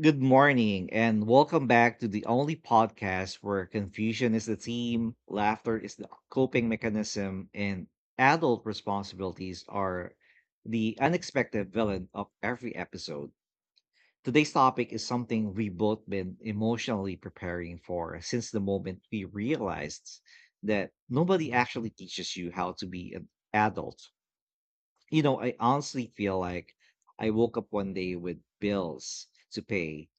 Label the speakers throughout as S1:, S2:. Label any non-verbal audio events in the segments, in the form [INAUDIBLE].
S1: Good morning, and welcome back to the only podcast where confusion is the theme, laughter is the coping mechanism, and adult responsibilities are the unexpected villain of every episode. Today's topic is something we've both been emotionally preparing for since the moment we realized that nobody actually teaches you how to be an adult. I honestly feel like I woke up one day with bills to pay,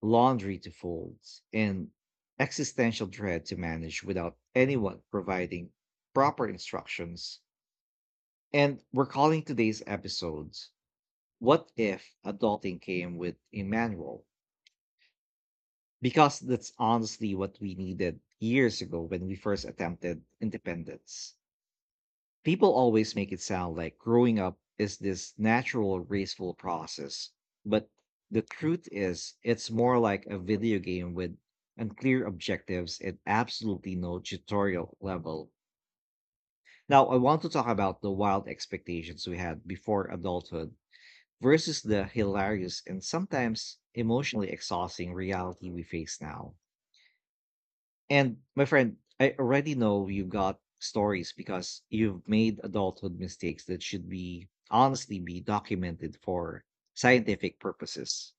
S1: laundry to fold, and existential dread to manage without anyone providing proper instructions. And we're calling today's episodes: What If Adulting Came with a Manual? Because that's honestly what we needed years ago when we first attempted independence. People always make it sound like growing up is this natural, graceful process. But the truth is, it's more like a video game with unclear objectives and absolutely no tutorial level. Now, I want to talk about the wild expectations we had before adulthood versus the hilarious and sometimes emotionally exhausting reality we face now. And my friend, I already know you got stories because you've made adulthood mistakes that should be honestly be documented for scientific purposes.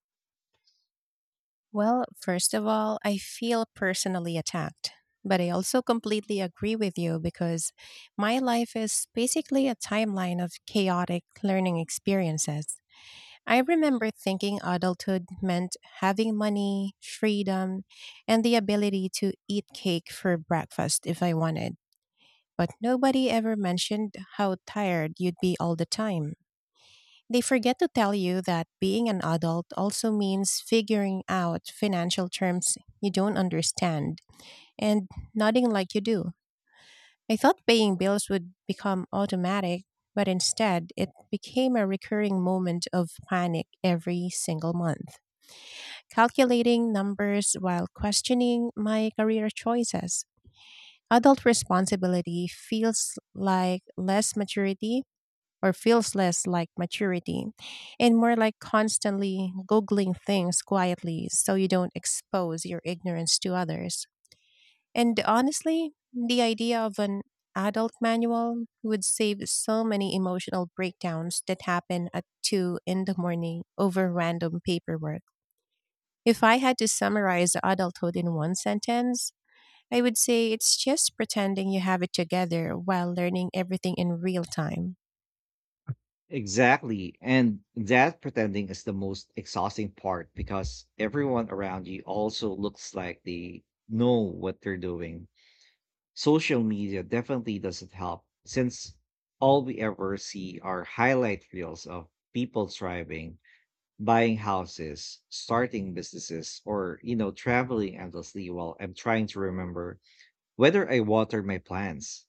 S2: Well, first of all, I feel personally attacked. But I also completely agree with you because my life is basically a timeline of chaotic learning experiences. I remember thinking adulthood meant having money, freedom, and the ability to eat cake for breakfast if I wanted. But nobody ever mentioned how tired you'd be all the time. They forget to tell you that being an adult also means figuring out financial terms you don't understand and nodding like you do. I thought paying bills would become automatic, but instead it became a recurring moment of panic every single month. Calculating numbers while questioning my career choices. Adult responsibility feels like less maturity or feels less like maturity and more like constantly Googling things quietly so you don't expose your ignorance to others. And honestly, the idea of an adult manual would save so many emotional breakdowns that happen at 2 in the morning over random paperwork. If I had to summarize adulthood in one sentence, I would say it's just pretending you have it together while learning everything in real time.
S1: Exactly. And that pretending is the most exhausting part because everyone around you also looks like they know what they're doing. Social media definitely doesn't help since all we ever see are highlight reels of people thriving, buying houses, starting businesses, or traveling endlessly while I'm trying to remember whether I watered my plants.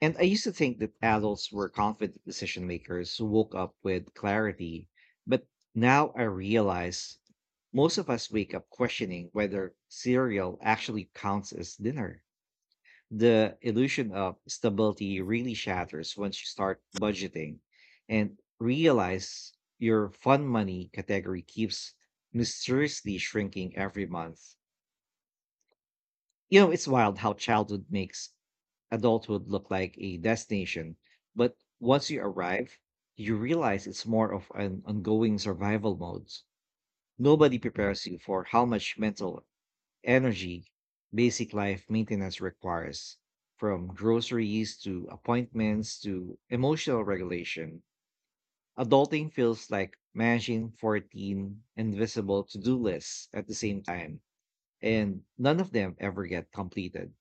S1: And I used to think that adults were confident decision makers who woke up with clarity, but now I realize most of us wake up questioning whether cereal actually counts as dinner. The illusion of stability really shatters once you start budgeting and realize your fun money category keeps mysteriously shrinking every month. You know, it's wild how childhood makes adulthood look like a destination, but once you arrive, you realize it's more of an ongoing survival mode. Nobody prepares you for how much mental energy basic life maintenance requires, from groceries to appointments to emotional regulation. Adulting feels like managing 14 invisible to do lists at the same time, and none of them ever get completed.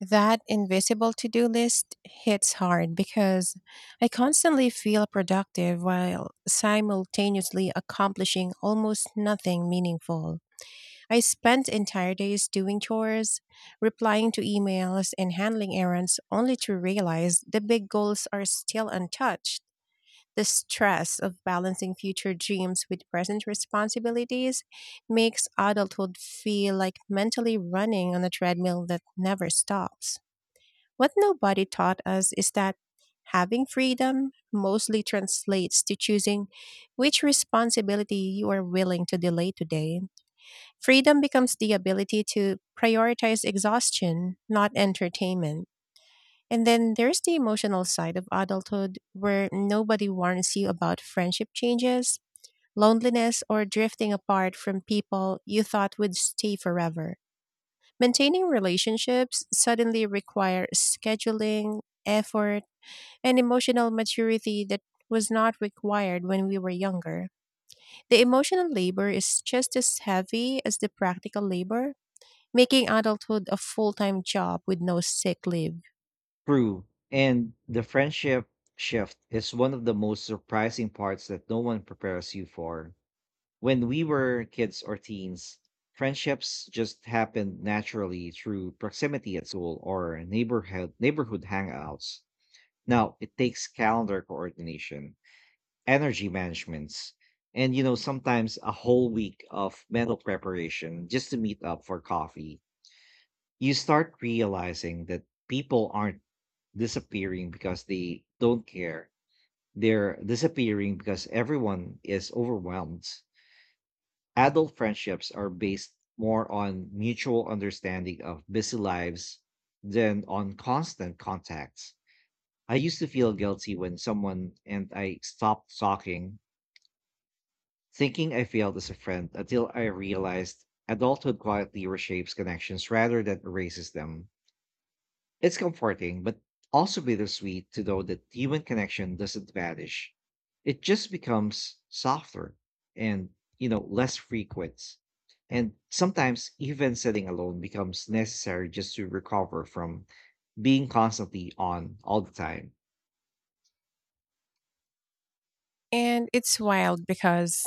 S2: That invisible to do list hits hard because I constantly feel productive while simultaneously accomplishing almost nothing meaningful. I spend entire days doing chores, replying to emails, and handling errands only to realize the big goals are still untouched. The stress of balancing future dreams with present responsibilities makes adulthood feel like mentally running on a treadmill that never stops. What nobody taught us is that having freedom mostly translates to choosing which responsibility you are willing to delay today. Freedom becomes the ability to prioritize exhaustion, not entertainment. And then there's the emotional side of adulthood where nobody warns you about friendship changes, loneliness, or drifting apart from people you thought would stay forever. Maintaining relationships suddenly requires scheduling, effort, and emotional maturity that was not required when we were younger. The emotional labor is just as heavy as the practical labor, making adulthood a full time job with no sick leave.
S1: True. And the friendship shift is one of the most surprising parts that no one prepares you for. When we were kids or teens, friendships just happened naturally through proximity at school or neighborhood hangouts. Now it takes calendar coordination, energy management,s and sometimes a whole week of mental preparation just to meet up for coffee. You start realizing that people aren't disappearing because they don't care. They're disappearing because everyone is overwhelmed. Adult friendships are based more on mutual understanding of busy lives than on constant contacts. I used to feel guilty when someone and I stopped talking, thinking I failed as a friend, until I realized adulthood quietly reshapes connections rather than erases them. It's comforting, but also bittersweet to know that human connection doesn't vanish. It just becomes softer and, less frequent. And sometimes even sitting alone becomes necessary just to recover from being constantly on all the time.
S2: And it's wild because,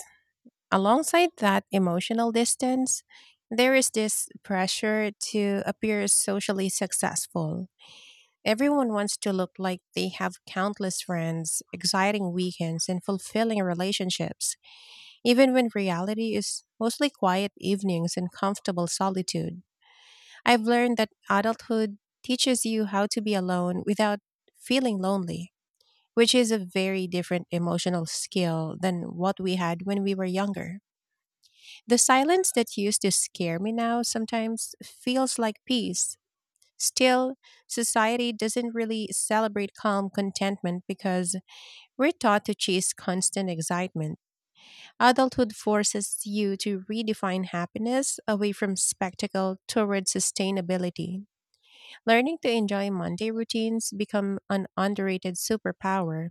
S2: alongside that emotional distance, there is this pressure to appear socially successful. Everyone wants to look like they have countless friends, exciting weekends, and fulfilling relationships, even when reality is mostly quiet evenings and comfortable solitude. I've learned that adulthood teaches you how to be alone without feeling lonely, which is a very different emotional skill than what we had when we were younger. The silence that used to scare me now sometimes feels like peace. Still, society doesn't really celebrate calm contentment because we're taught to chase constant excitement. Adulthood forces you to redefine happiness away from spectacle toward sustainability. Learning to enjoy Monday routines become an underrated superpower.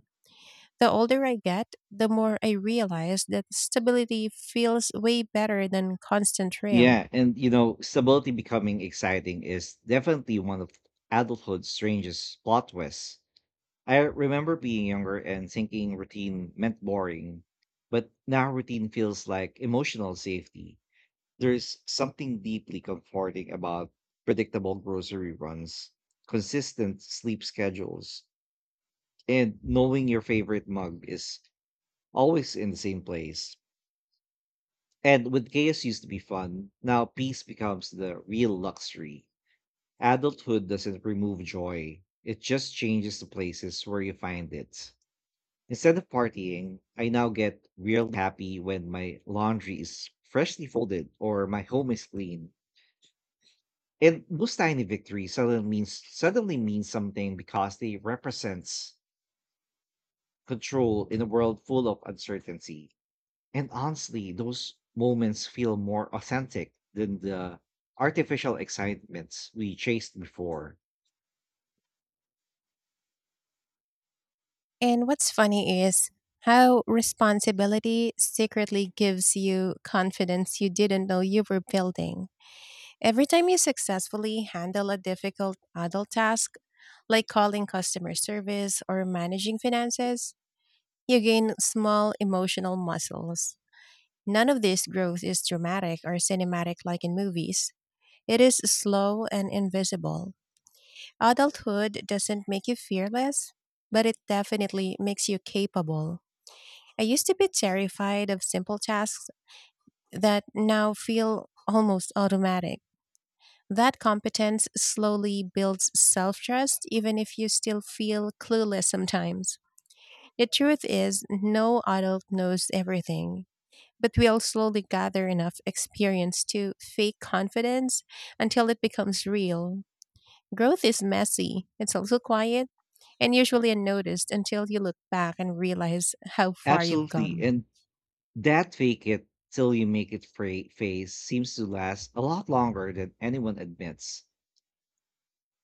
S2: The older I get, the more I realize that stability feels way better than constant thrill.
S1: Yeah. And stability becoming exciting is definitely one of adulthood's strangest plot twists. I remember being younger and thinking routine meant boring, but now routine feels like emotional safety. There's something deeply comforting about predictable grocery runs, consistent sleep schedules, and knowing your favorite mug is always in the same place. And what chaos used to be fun, now peace becomes the real luxury. Adulthood doesn't remove joy, it just changes the places where you find it. Instead of partying, I now get real happy when my laundry is freshly folded or my home is clean. And those tiny victories suddenly mean something because they represents control in a world full of uncertainty. And honestly, those moments feel more authentic than the artificial excitements we chased before.
S2: And what's funny is how responsibility secretly gives you confidence you didn't know you were building. Every time you successfully handle a difficult adult task, like calling customer service or managing finances, you gain small emotional muscles. None of this growth is dramatic or cinematic like in movies. It is slow and invisible. Adulthood doesn't make you fearless, but it definitely makes you capable. I used to be terrified of simple tasks that now feel almost automatic. That competence slowly builds self trust, even if you still feel clueless sometimes. The truth is, no adult knows everything, but we'll slowly gather enough experience to fake confidence until it becomes real. Growth is messy, it's also quiet, and usually unnoticed until you look back and realize how far you've
S1: Absolutely.
S2: come.
S1: And that fake it till you make it phase seems to last a lot longer than anyone admits.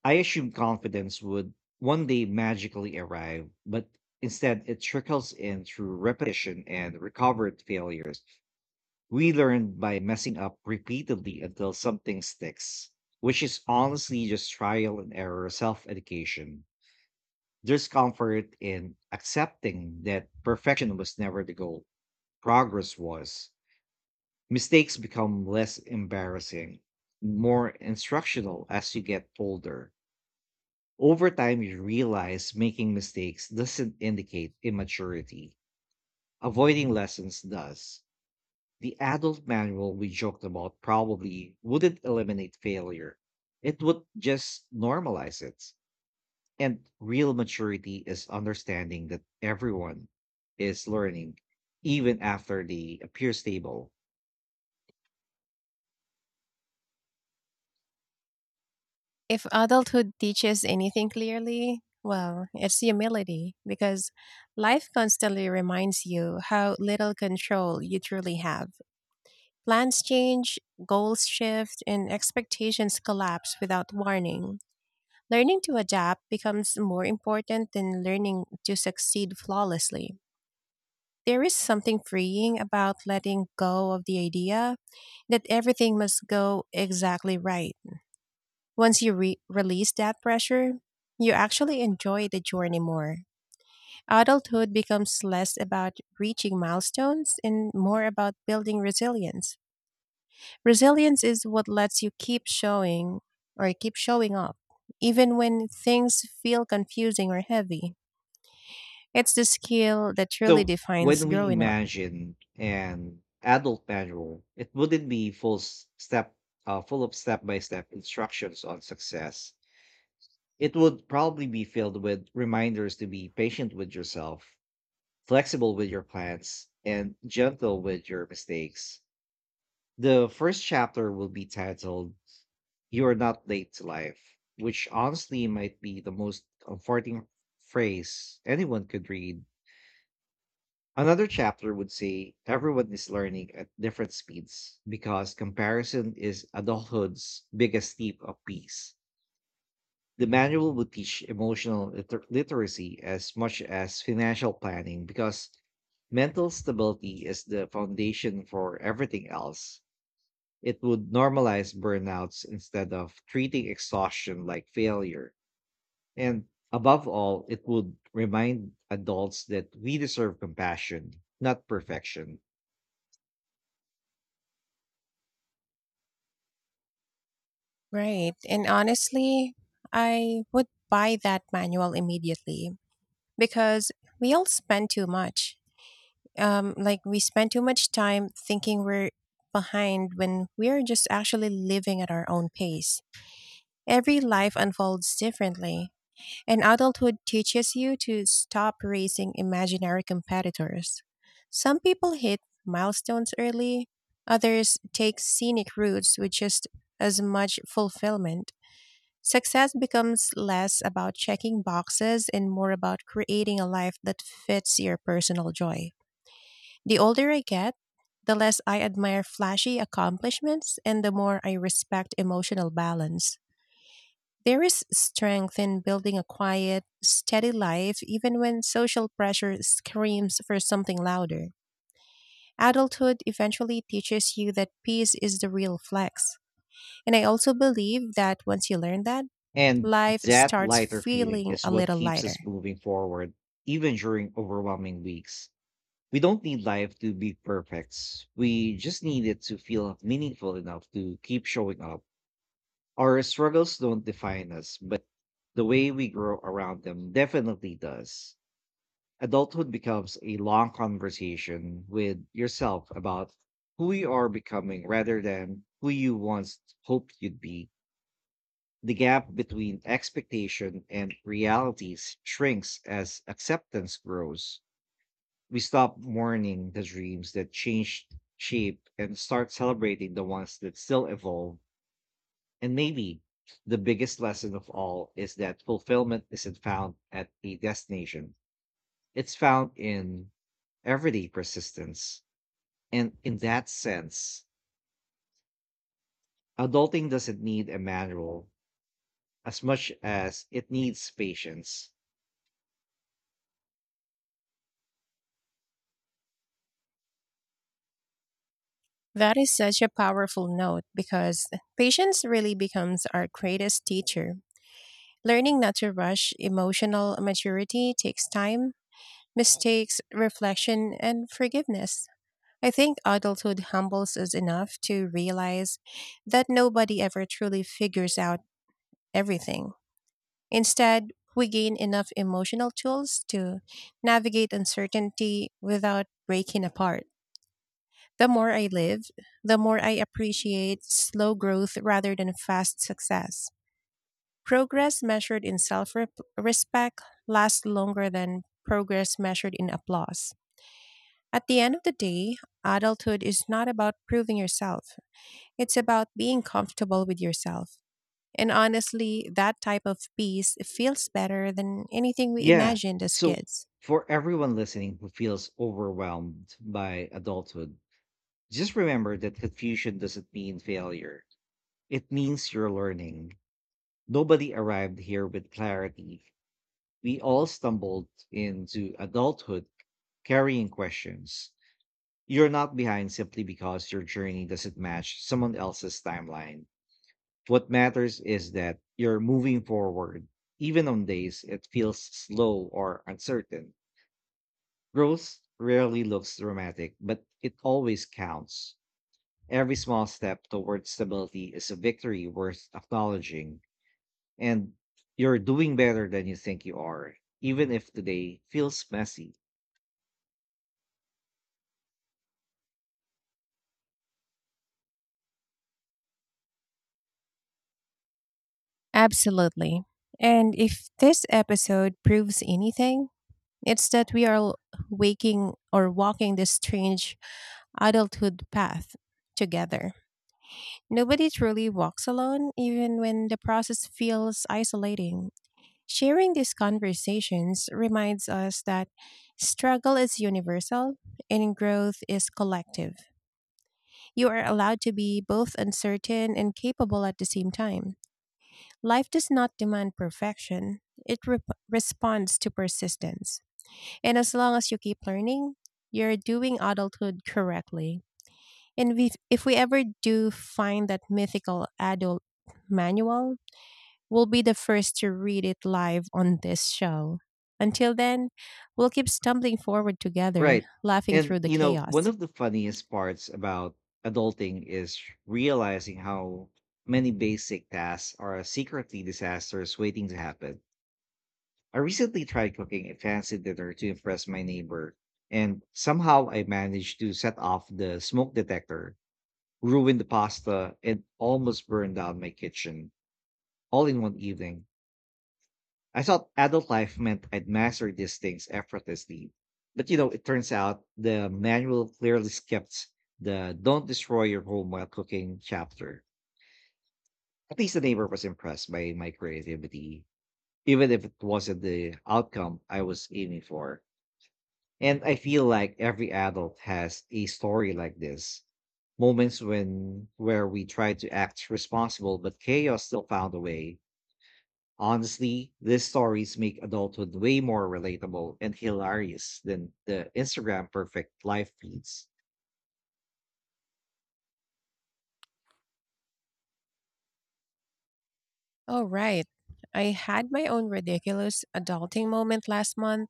S1: I assumed confidence would one day magically arrive, but instead it trickles in through repetition and recovered failures. We learn by messing up repeatedly until something sticks, which is honestly just trial and error self education. There's comfort in accepting that perfection was never the goal, progress was. Mistakes become less embarrassing, more instructional as you get older. Over time, you realize making mistakes doesn't indicate immaturity. Avoiding lessons does. The adult manual we joked about probably wouldn't eliminate failure, it would just normalize it. And real maturity is understanding that everyone is learning, even after they appear stable.
S2: If adulthood teaches anything clearly, well, it's humility because life constantly reminds you how little control you truly have. Plans change, goals shift, and expectations collapse without warning. Learning to adapt becomes more important than learning to succeed flawlessly. There is something freeing about letting go of the idea that everything must go exactly right. Once you release that pressure, you actually enjoy the journey more. Adulthood becomes less about reaching milestones and more about building resilience. Resilience is what lets you keep showing or keep showing up, even when things feel confusing or heavy. It's the skill that truly
S1: So
S2: defines
S1: when we
S2: growing up.
S1: imagine an adult manual, it wouldn't be full of step-by-step instructions on success. It would probably be filled with reminders to be patient with yourself, flexible with your plans, and gentle with your mistakes. The first chapter will be titled "You Are Not Late to Life," which honestly might be the most comforting phrase anyone could read. Another chapter would say everyone is learning at different speeds, because comparison is adulthood's biggest thief of peace. The manual would teach emotional literacy as much as financial planning, because mental stability is the foundation for everything else. It would normalize burnouts instead of treating exhaustion like failure. And above all, it would remind adults that we deserve compassion, not perfection.
S2: Right. And honestly, I would buy that manual immediately because we all spend too much like we spend too much time thinking we're behind when we are just actually living at our own pace. Every life unfolds differently, and adulthood teaches you to stop racing imaginary competitors. Some people hit milestones early, others take scenic routes with just as much fulfillment. Success becomes less about checking boxes and more about creating a life that fits your personal joy. The older I get, the less I admire flashy accomplishments and the more I respect emotional balance. There is strength in building a quiet, steady life even when social pressure screams for something louder. Adulthood eventually teaches you that peace is the real flex. And I also believe that once you learn that,
S1: And
S2: life
S1: that
S2: starts
S1: lighter feeling
S2: feeling
S1: is
S2: a
S1: what
S2: little
S1: keeps
S2: lighter.
S1: us moving forward, even during overwhelming weeks. We don't need life to be perfect. We just need it to feel meaningful enough to keep showing up. Our struggles don't define us, but the way we grow around them definitely does. Adulthood becomes a long conversation with yourself about who you are becoming rather than who you once hoped you'd be. The gap between expectation and realities shrinks as acceptance grows. We stop mourning the dreams that changed shape and start celebrating the ones that still evolve. And maybe the biggest lesson of all is that fulfillment isn't found at a destination, it's found in everyday persistence. And in that sense, adulting doesn't need a manual as much as it needs patience.
S2: That is such a powerful note because patience really becomes our greatest teacher. Learning not to rush emotional maturity takes time, mistakes, reflection, and forgiveness. I think adulthood humbles us enough to realize that nobody ever truly figures out everything. Instead, we gain enough emotional tools to navigate uncertainty without breaking apart. The more I live, the more I appreciate slow growth rather than fast success. Progress measured in self respect lasts longer than progress measured in applause. At the end of the day, adulthood is not about proving yourself, it's about being comfortable with yourself. And honestly, that type of peace feels better than anything we
S1: Yeah.
S2: imagined as
S1: So
S2: kids.
S1: for everyone listening who feels overwhelmed by adulthood, just remember that confusion doesn't mean failure. It means you're learning. Nobody arrived here with clarity. We all stumbled into adulthood carrying questions. You're not behind simply because your journey doesn't match someone else's timeline. What matters is that you're moving forward, even on days it feels slow or uncertain. Growth rarely looks dramatic, but it always counts. Every small step towards stability is a victory worth acknowledging, and you're doing better than you think you are, even if today feels messy.
S2: Absolutely. And if this episode proves anything, it's that we are waking or walking this strange adulthood path together. Nobody truly walks alone, even when the process feels isolating. Sharing these conversations reminds us that struggle is universal and growth is collective. You are allowed to be both uncertain and capable at the same time. Life does not demand perfection, it responds to persistence. And as long as you keep learning, you're doing adulthood correctly. And we, if we ever do find that mythical adult manual, will be the first to read it live on this show. Until then, we'll keep stumbling forward together,
S1: Right.
S2: laughing
S1: And,
S2: through the
S1: you know, one
S2: chaos.
S1: of the funniest parts about adulting is realizing how many basic tasks are secretly disasters waiting to happen. I recently tried cooking a fancy dinner to impress my neighbor, and somehow I managed to set off the smoke detector, ruin the pasta, and almost burn down my kitchen all in one evening. I thought adult life meant I'd master these things effortlessly. But it turns out the manual clearly skipped the don't destroy your home while cooking chapter. At least the neighbor was impressed by my creativity, even if it wasn't the outcome I was aiming for. And I feel like every adult has a story like this. Moments when where we tried to act responsible but chaos still found a way. Honestly, these stories make adulthood way more relatable and hilarious than the Instagram perfect life feeds.
S2: Oh, right. I had my own ridiculous adulting moment last month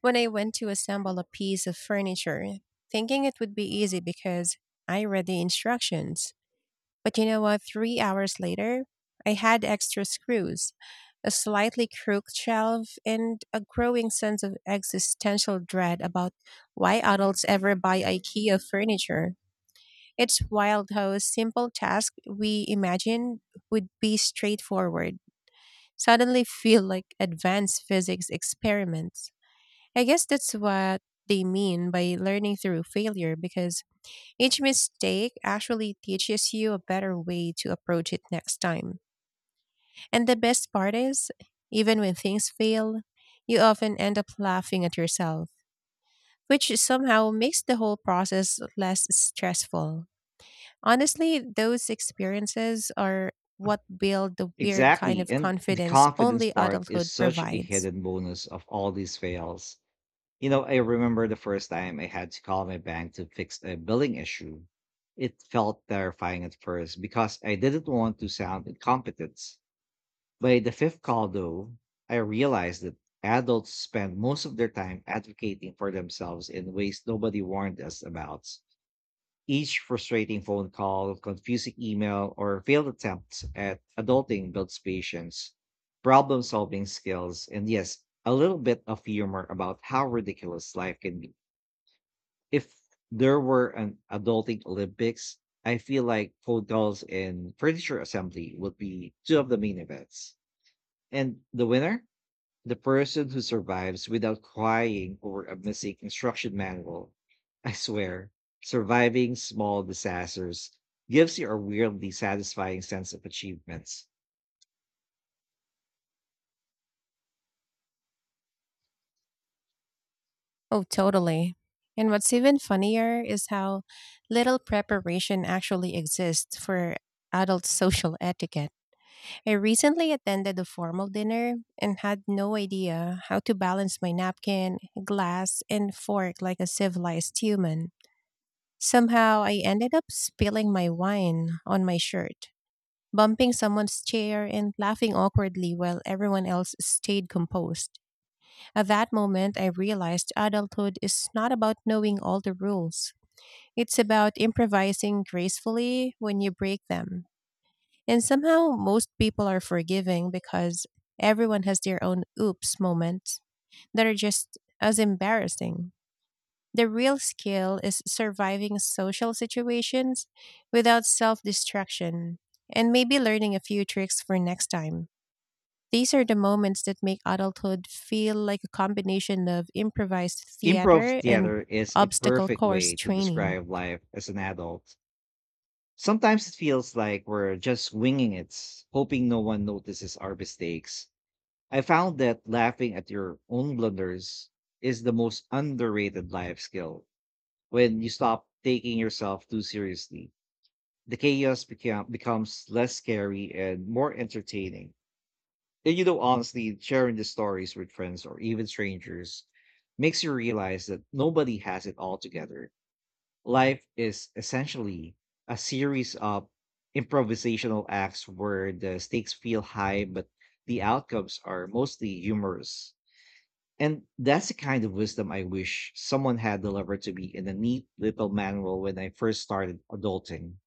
S2: when I went to assemble a piece of furniture, thinking it would be easy because I read the instructions. But you know what? 3 hours later, I had extra screws, a slightly crooked shelf, and a growing sense of existential dread about why adults ever buy IKEA furniture. It's wild how a simple task we imagined would be straightforward suddenly feel like advanced physics experiments. I guess that's what they mean by learning through failure because each mistake actually teaches you a better way to approach it next time. And the best part is, even when things fail, you often end up laughing at yourself, which somehow makes the whole process less stressful. Honestly, those experiences are what build the weird kind
S1: Exactly.
S2: of
S1: And the
S2: confidence
S1: confidence
S2: only
S1: part is
S2: adulthood
S1: such a
S2: provides.
S1: hidden bonus of all these fails. You know, I remember the first time I had to call my bank to fix a billing issue. It felt terrifying at first because I didn't want to sound incompetent. By the fifth call, though, I realized that adults spend most of their time advocating for themselves in ways nobody warned us about. Each frustrating phone call, confusing email, or failed attempt at adulting builds patience, problem solving skills, and yes, a little bit of humor about how ridiculous life can be. If there were an adulting Olympics, I feel like phone calls and furniture assembly would be two of the main events. And the winner? The person who survives without crying over a missing instruction manual. I swear, surviving small disasters gives you a weirdly satisfying sense of achievements.
S2: Oh, totally. And what's even funnier is how little preparation actually exists for adult [LAUGHS] social etiquette. I recently attended a formal dinner and had no idea how to balance my napkin, glass, and fork like a civilized human. Somehow, I ended up spilling my wine on my shirt, bumping someone's chair, and laughing awkwardly while everyone else stayed composed. At that moment, I realized adulthood is not about knowing all the rules. It's about improvising gracefully when you break them. And somehow, most people are forgiving because everyone has their own oops moments that are just as embarrassing. The real skill is surviving social situations without self destruction and maybe learning a few tricks for next time. These are the moments that make adulthood feel like a combination of improvised
S1: Improv
S2: theater and
S1: theater is a
S2: obstacle
S1: perfect
S2: course
S1: way to
S2: training.
S1: describe life as an adult. Sometimes it feels like we're just winging it, hoping no one notices our mistakes. I found that laughing at your own blunders is the most underrated life skill. When you stop taking yourself too seriously, the chaos becomes less scary and more entertaining. Honestly, sharing the stories with friends or even strangers makes you realize that nobody has it all together. Life is essentially a series of improvisational acts where the stakes feel high, but the outcomes are mostly humorous. And that's the kind of wisdom I wish someone had delivered to me in a neat little manual when I first started adulting.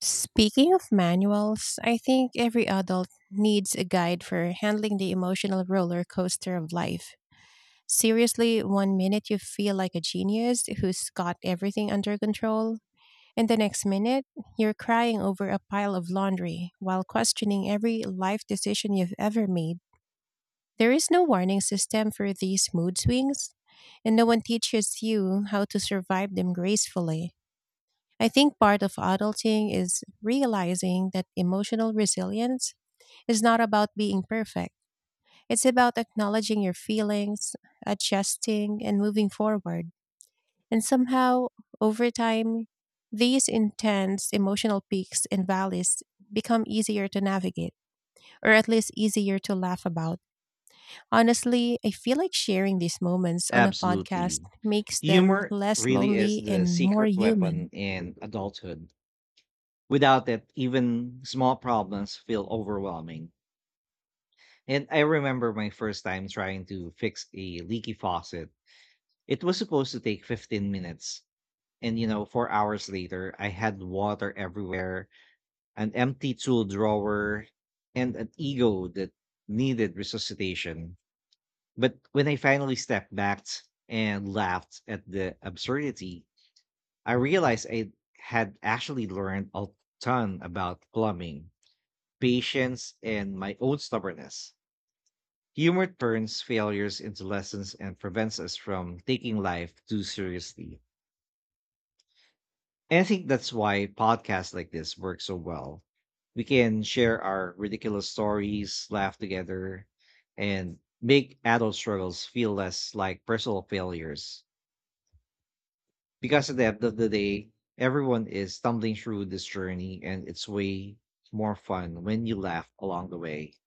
S2: Speaking of manuals, I think every adult needs a guide for handling the emotional roller coaster of life. Seriously, one minute you feel like a genius who's got everything under control, and the next minute you're crying over a pile of laundry while questioning every life decision you've ever made. There is no warning system for these mood swings, and no one teaches you how to survive them gracefully. I think part of adulting is realizing that emotional resilience is not about being perfect. It's about acknowledging your feelings, adjusting, and moving forward. And somehow, over time, these intense emotional peaks and valleys become easier to navigate, or at least easier to laugh about. Honestly, I feel like sharing these moments on a podcast
S1: Absolutely.
S2: makes them
S1: Humor
S2: less
S1: really is
S2: lonely
S1: the
S2: and more
S1: secret
S2: human.
S1: weapon in adulthood. Without it, even small problems feel overwhelming. And I remember my first time trying to fix a leaky faucet. It was supposed to take 15 minutes. And 4 hours later, I had water everywhere, an empty tool drawer, and an ego that needed resuscitation. But when I finally stepped back and laughed at the absurdity, I realized I had actually learned a ton about plumbing, patience, and my own stubbornness. Humor turns failures into lessons and prevents us from taking life too seriously. And I think that's why podcasts like this work so well. We can share our ridiculous stories, laugh together, and make adult struggles feel less like personal failures. Because at the end of the day, everyone is stumbling through this journey, and it's way more fun when you laugh along the way.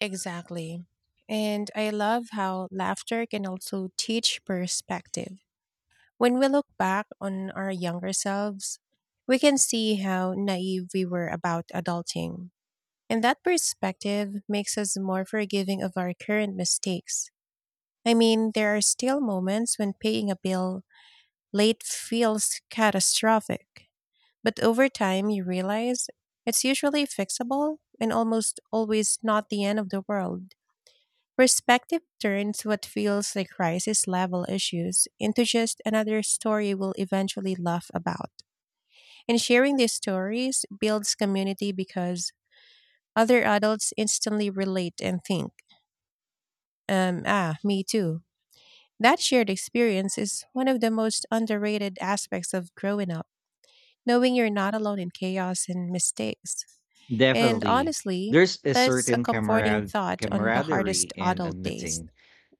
S2: Exactly. And I love how laughter can also teach perspective. When we look back on our younger selves, we can see how naive we were about adulting. And that perspective makes us more forgiving of our current mistakes. I mean, there are still moments when paying a bill late feels catastrophic. But over time, you realize it's usually fixable and almost always not the end of the world. Perspective turns what feels like crisis level issues into just another story we'll eventually laugh about. And sharing these stories builds community because other adults instantly relate and think, ah, me too. That shared experience is one of the most underrated aspects of growing up, knowing you're not alone in chaos and mistakes. And
S1: Definitely.
S2: honestly,
S1: There's a
S2: that's a
S1: certain
S2: comforting
S1: camarad-
S2: thought on the hardest
S1: camaraderie in
S2: adult days.
S1: admitting,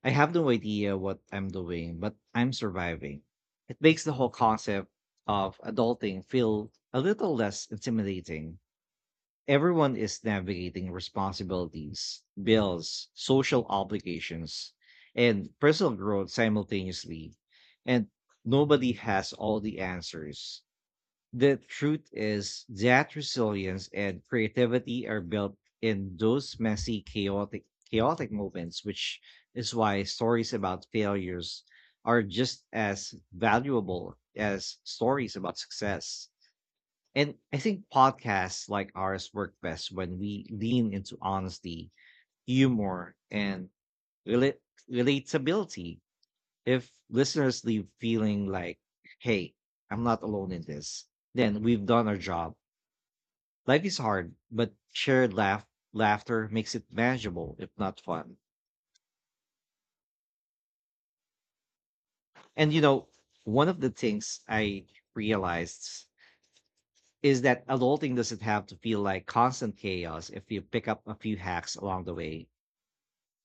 S1: "I have no idea what I'm doing, but I'm surviving." It makes the whole concept of adulting feel a little less intimidating. Everyone is navigating responsibilities, bills, social obligations, and personal growth simultaneously, and nobody has all the answers. The truth is that resilience and creativity are built in those messy, chaotic moments, which is why stories about failures are just as valuable as stories about success. And I think podcasts like ours work best when we lean into honesty, humor, and rela- relatability. If listeners leave feeling like, "Hey, I'm not alone in this," then we've done our job. Life is hard, but shared laughter makes it manageable, if not fun. And you know, one of the things I realized is that adulting doesn't have to feel like constant chaos if you pick up a few hacks along the way.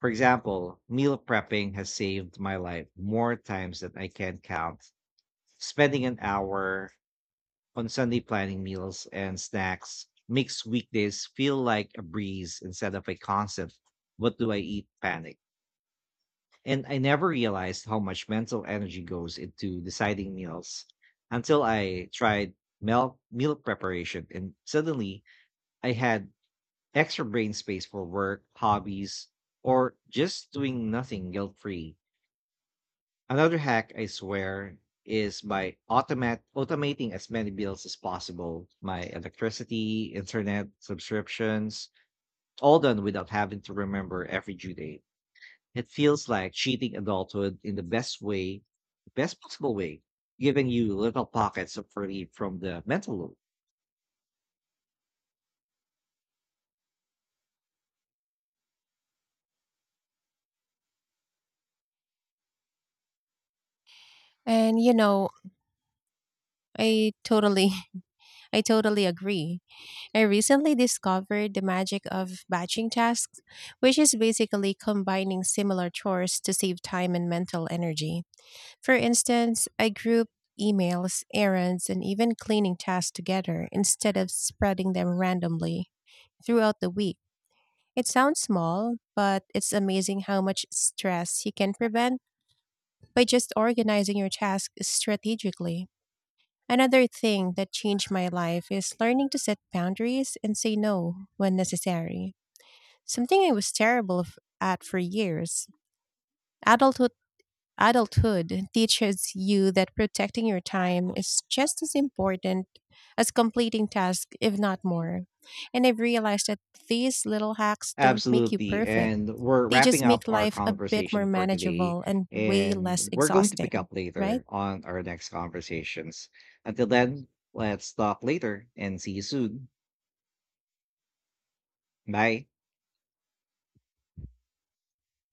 S1: For example, meal prepping has saved my life more times than I can count. Spending an hour on Sunday planning meals and snacks makes weekdays feel like a breeze instead of a constant "what do I eat" panic. And I never realized how much mental energy goes into deciding meals until I tried meal preparation. And suddenly I had extra brain space for work, hobbies, or just doing nothing guilt free. Another hack, I swear, is by automating as many bills as possible: my electricity, internet subscriptions, all done without having to remember every due date. It feels like cheating adulthood in the best possible way, giving you little pockets of relief from the mental load.
S2: And you know, I totally [LAUGHS] I totally agree. I recently discovered the magic of batching tasks, which is basically combining similar chores to save time and mental energy. For instance, I group emails, errands, and even cleaning tasks together instead of spreading them randomly throughout the week. It sounds small, but it's amazing how much stress you can prevent by just organizing your tasks strategically. Another thing that changed my life is learning to set boundaries and say no when necessary. Something I was terrible at for years. Adulthood adulthood teaches you that protecting your time is just as important as completing tasks, if not more. And I've realized that these little hacks don't make you
S1: Absolutely.
S2: perfect.
S1: And we're
S2: They just
S1: wrapping up
S2: make
S1: our
S2: life a bit more
S1: conversation for today.
S2: manageable and way
S1: And
S2: less
S1: we're going to pick
S2: exhausting,
S1: up
S2: right?
S1: later on our next conversations. Until then, let's talk later and see you soon. Bye.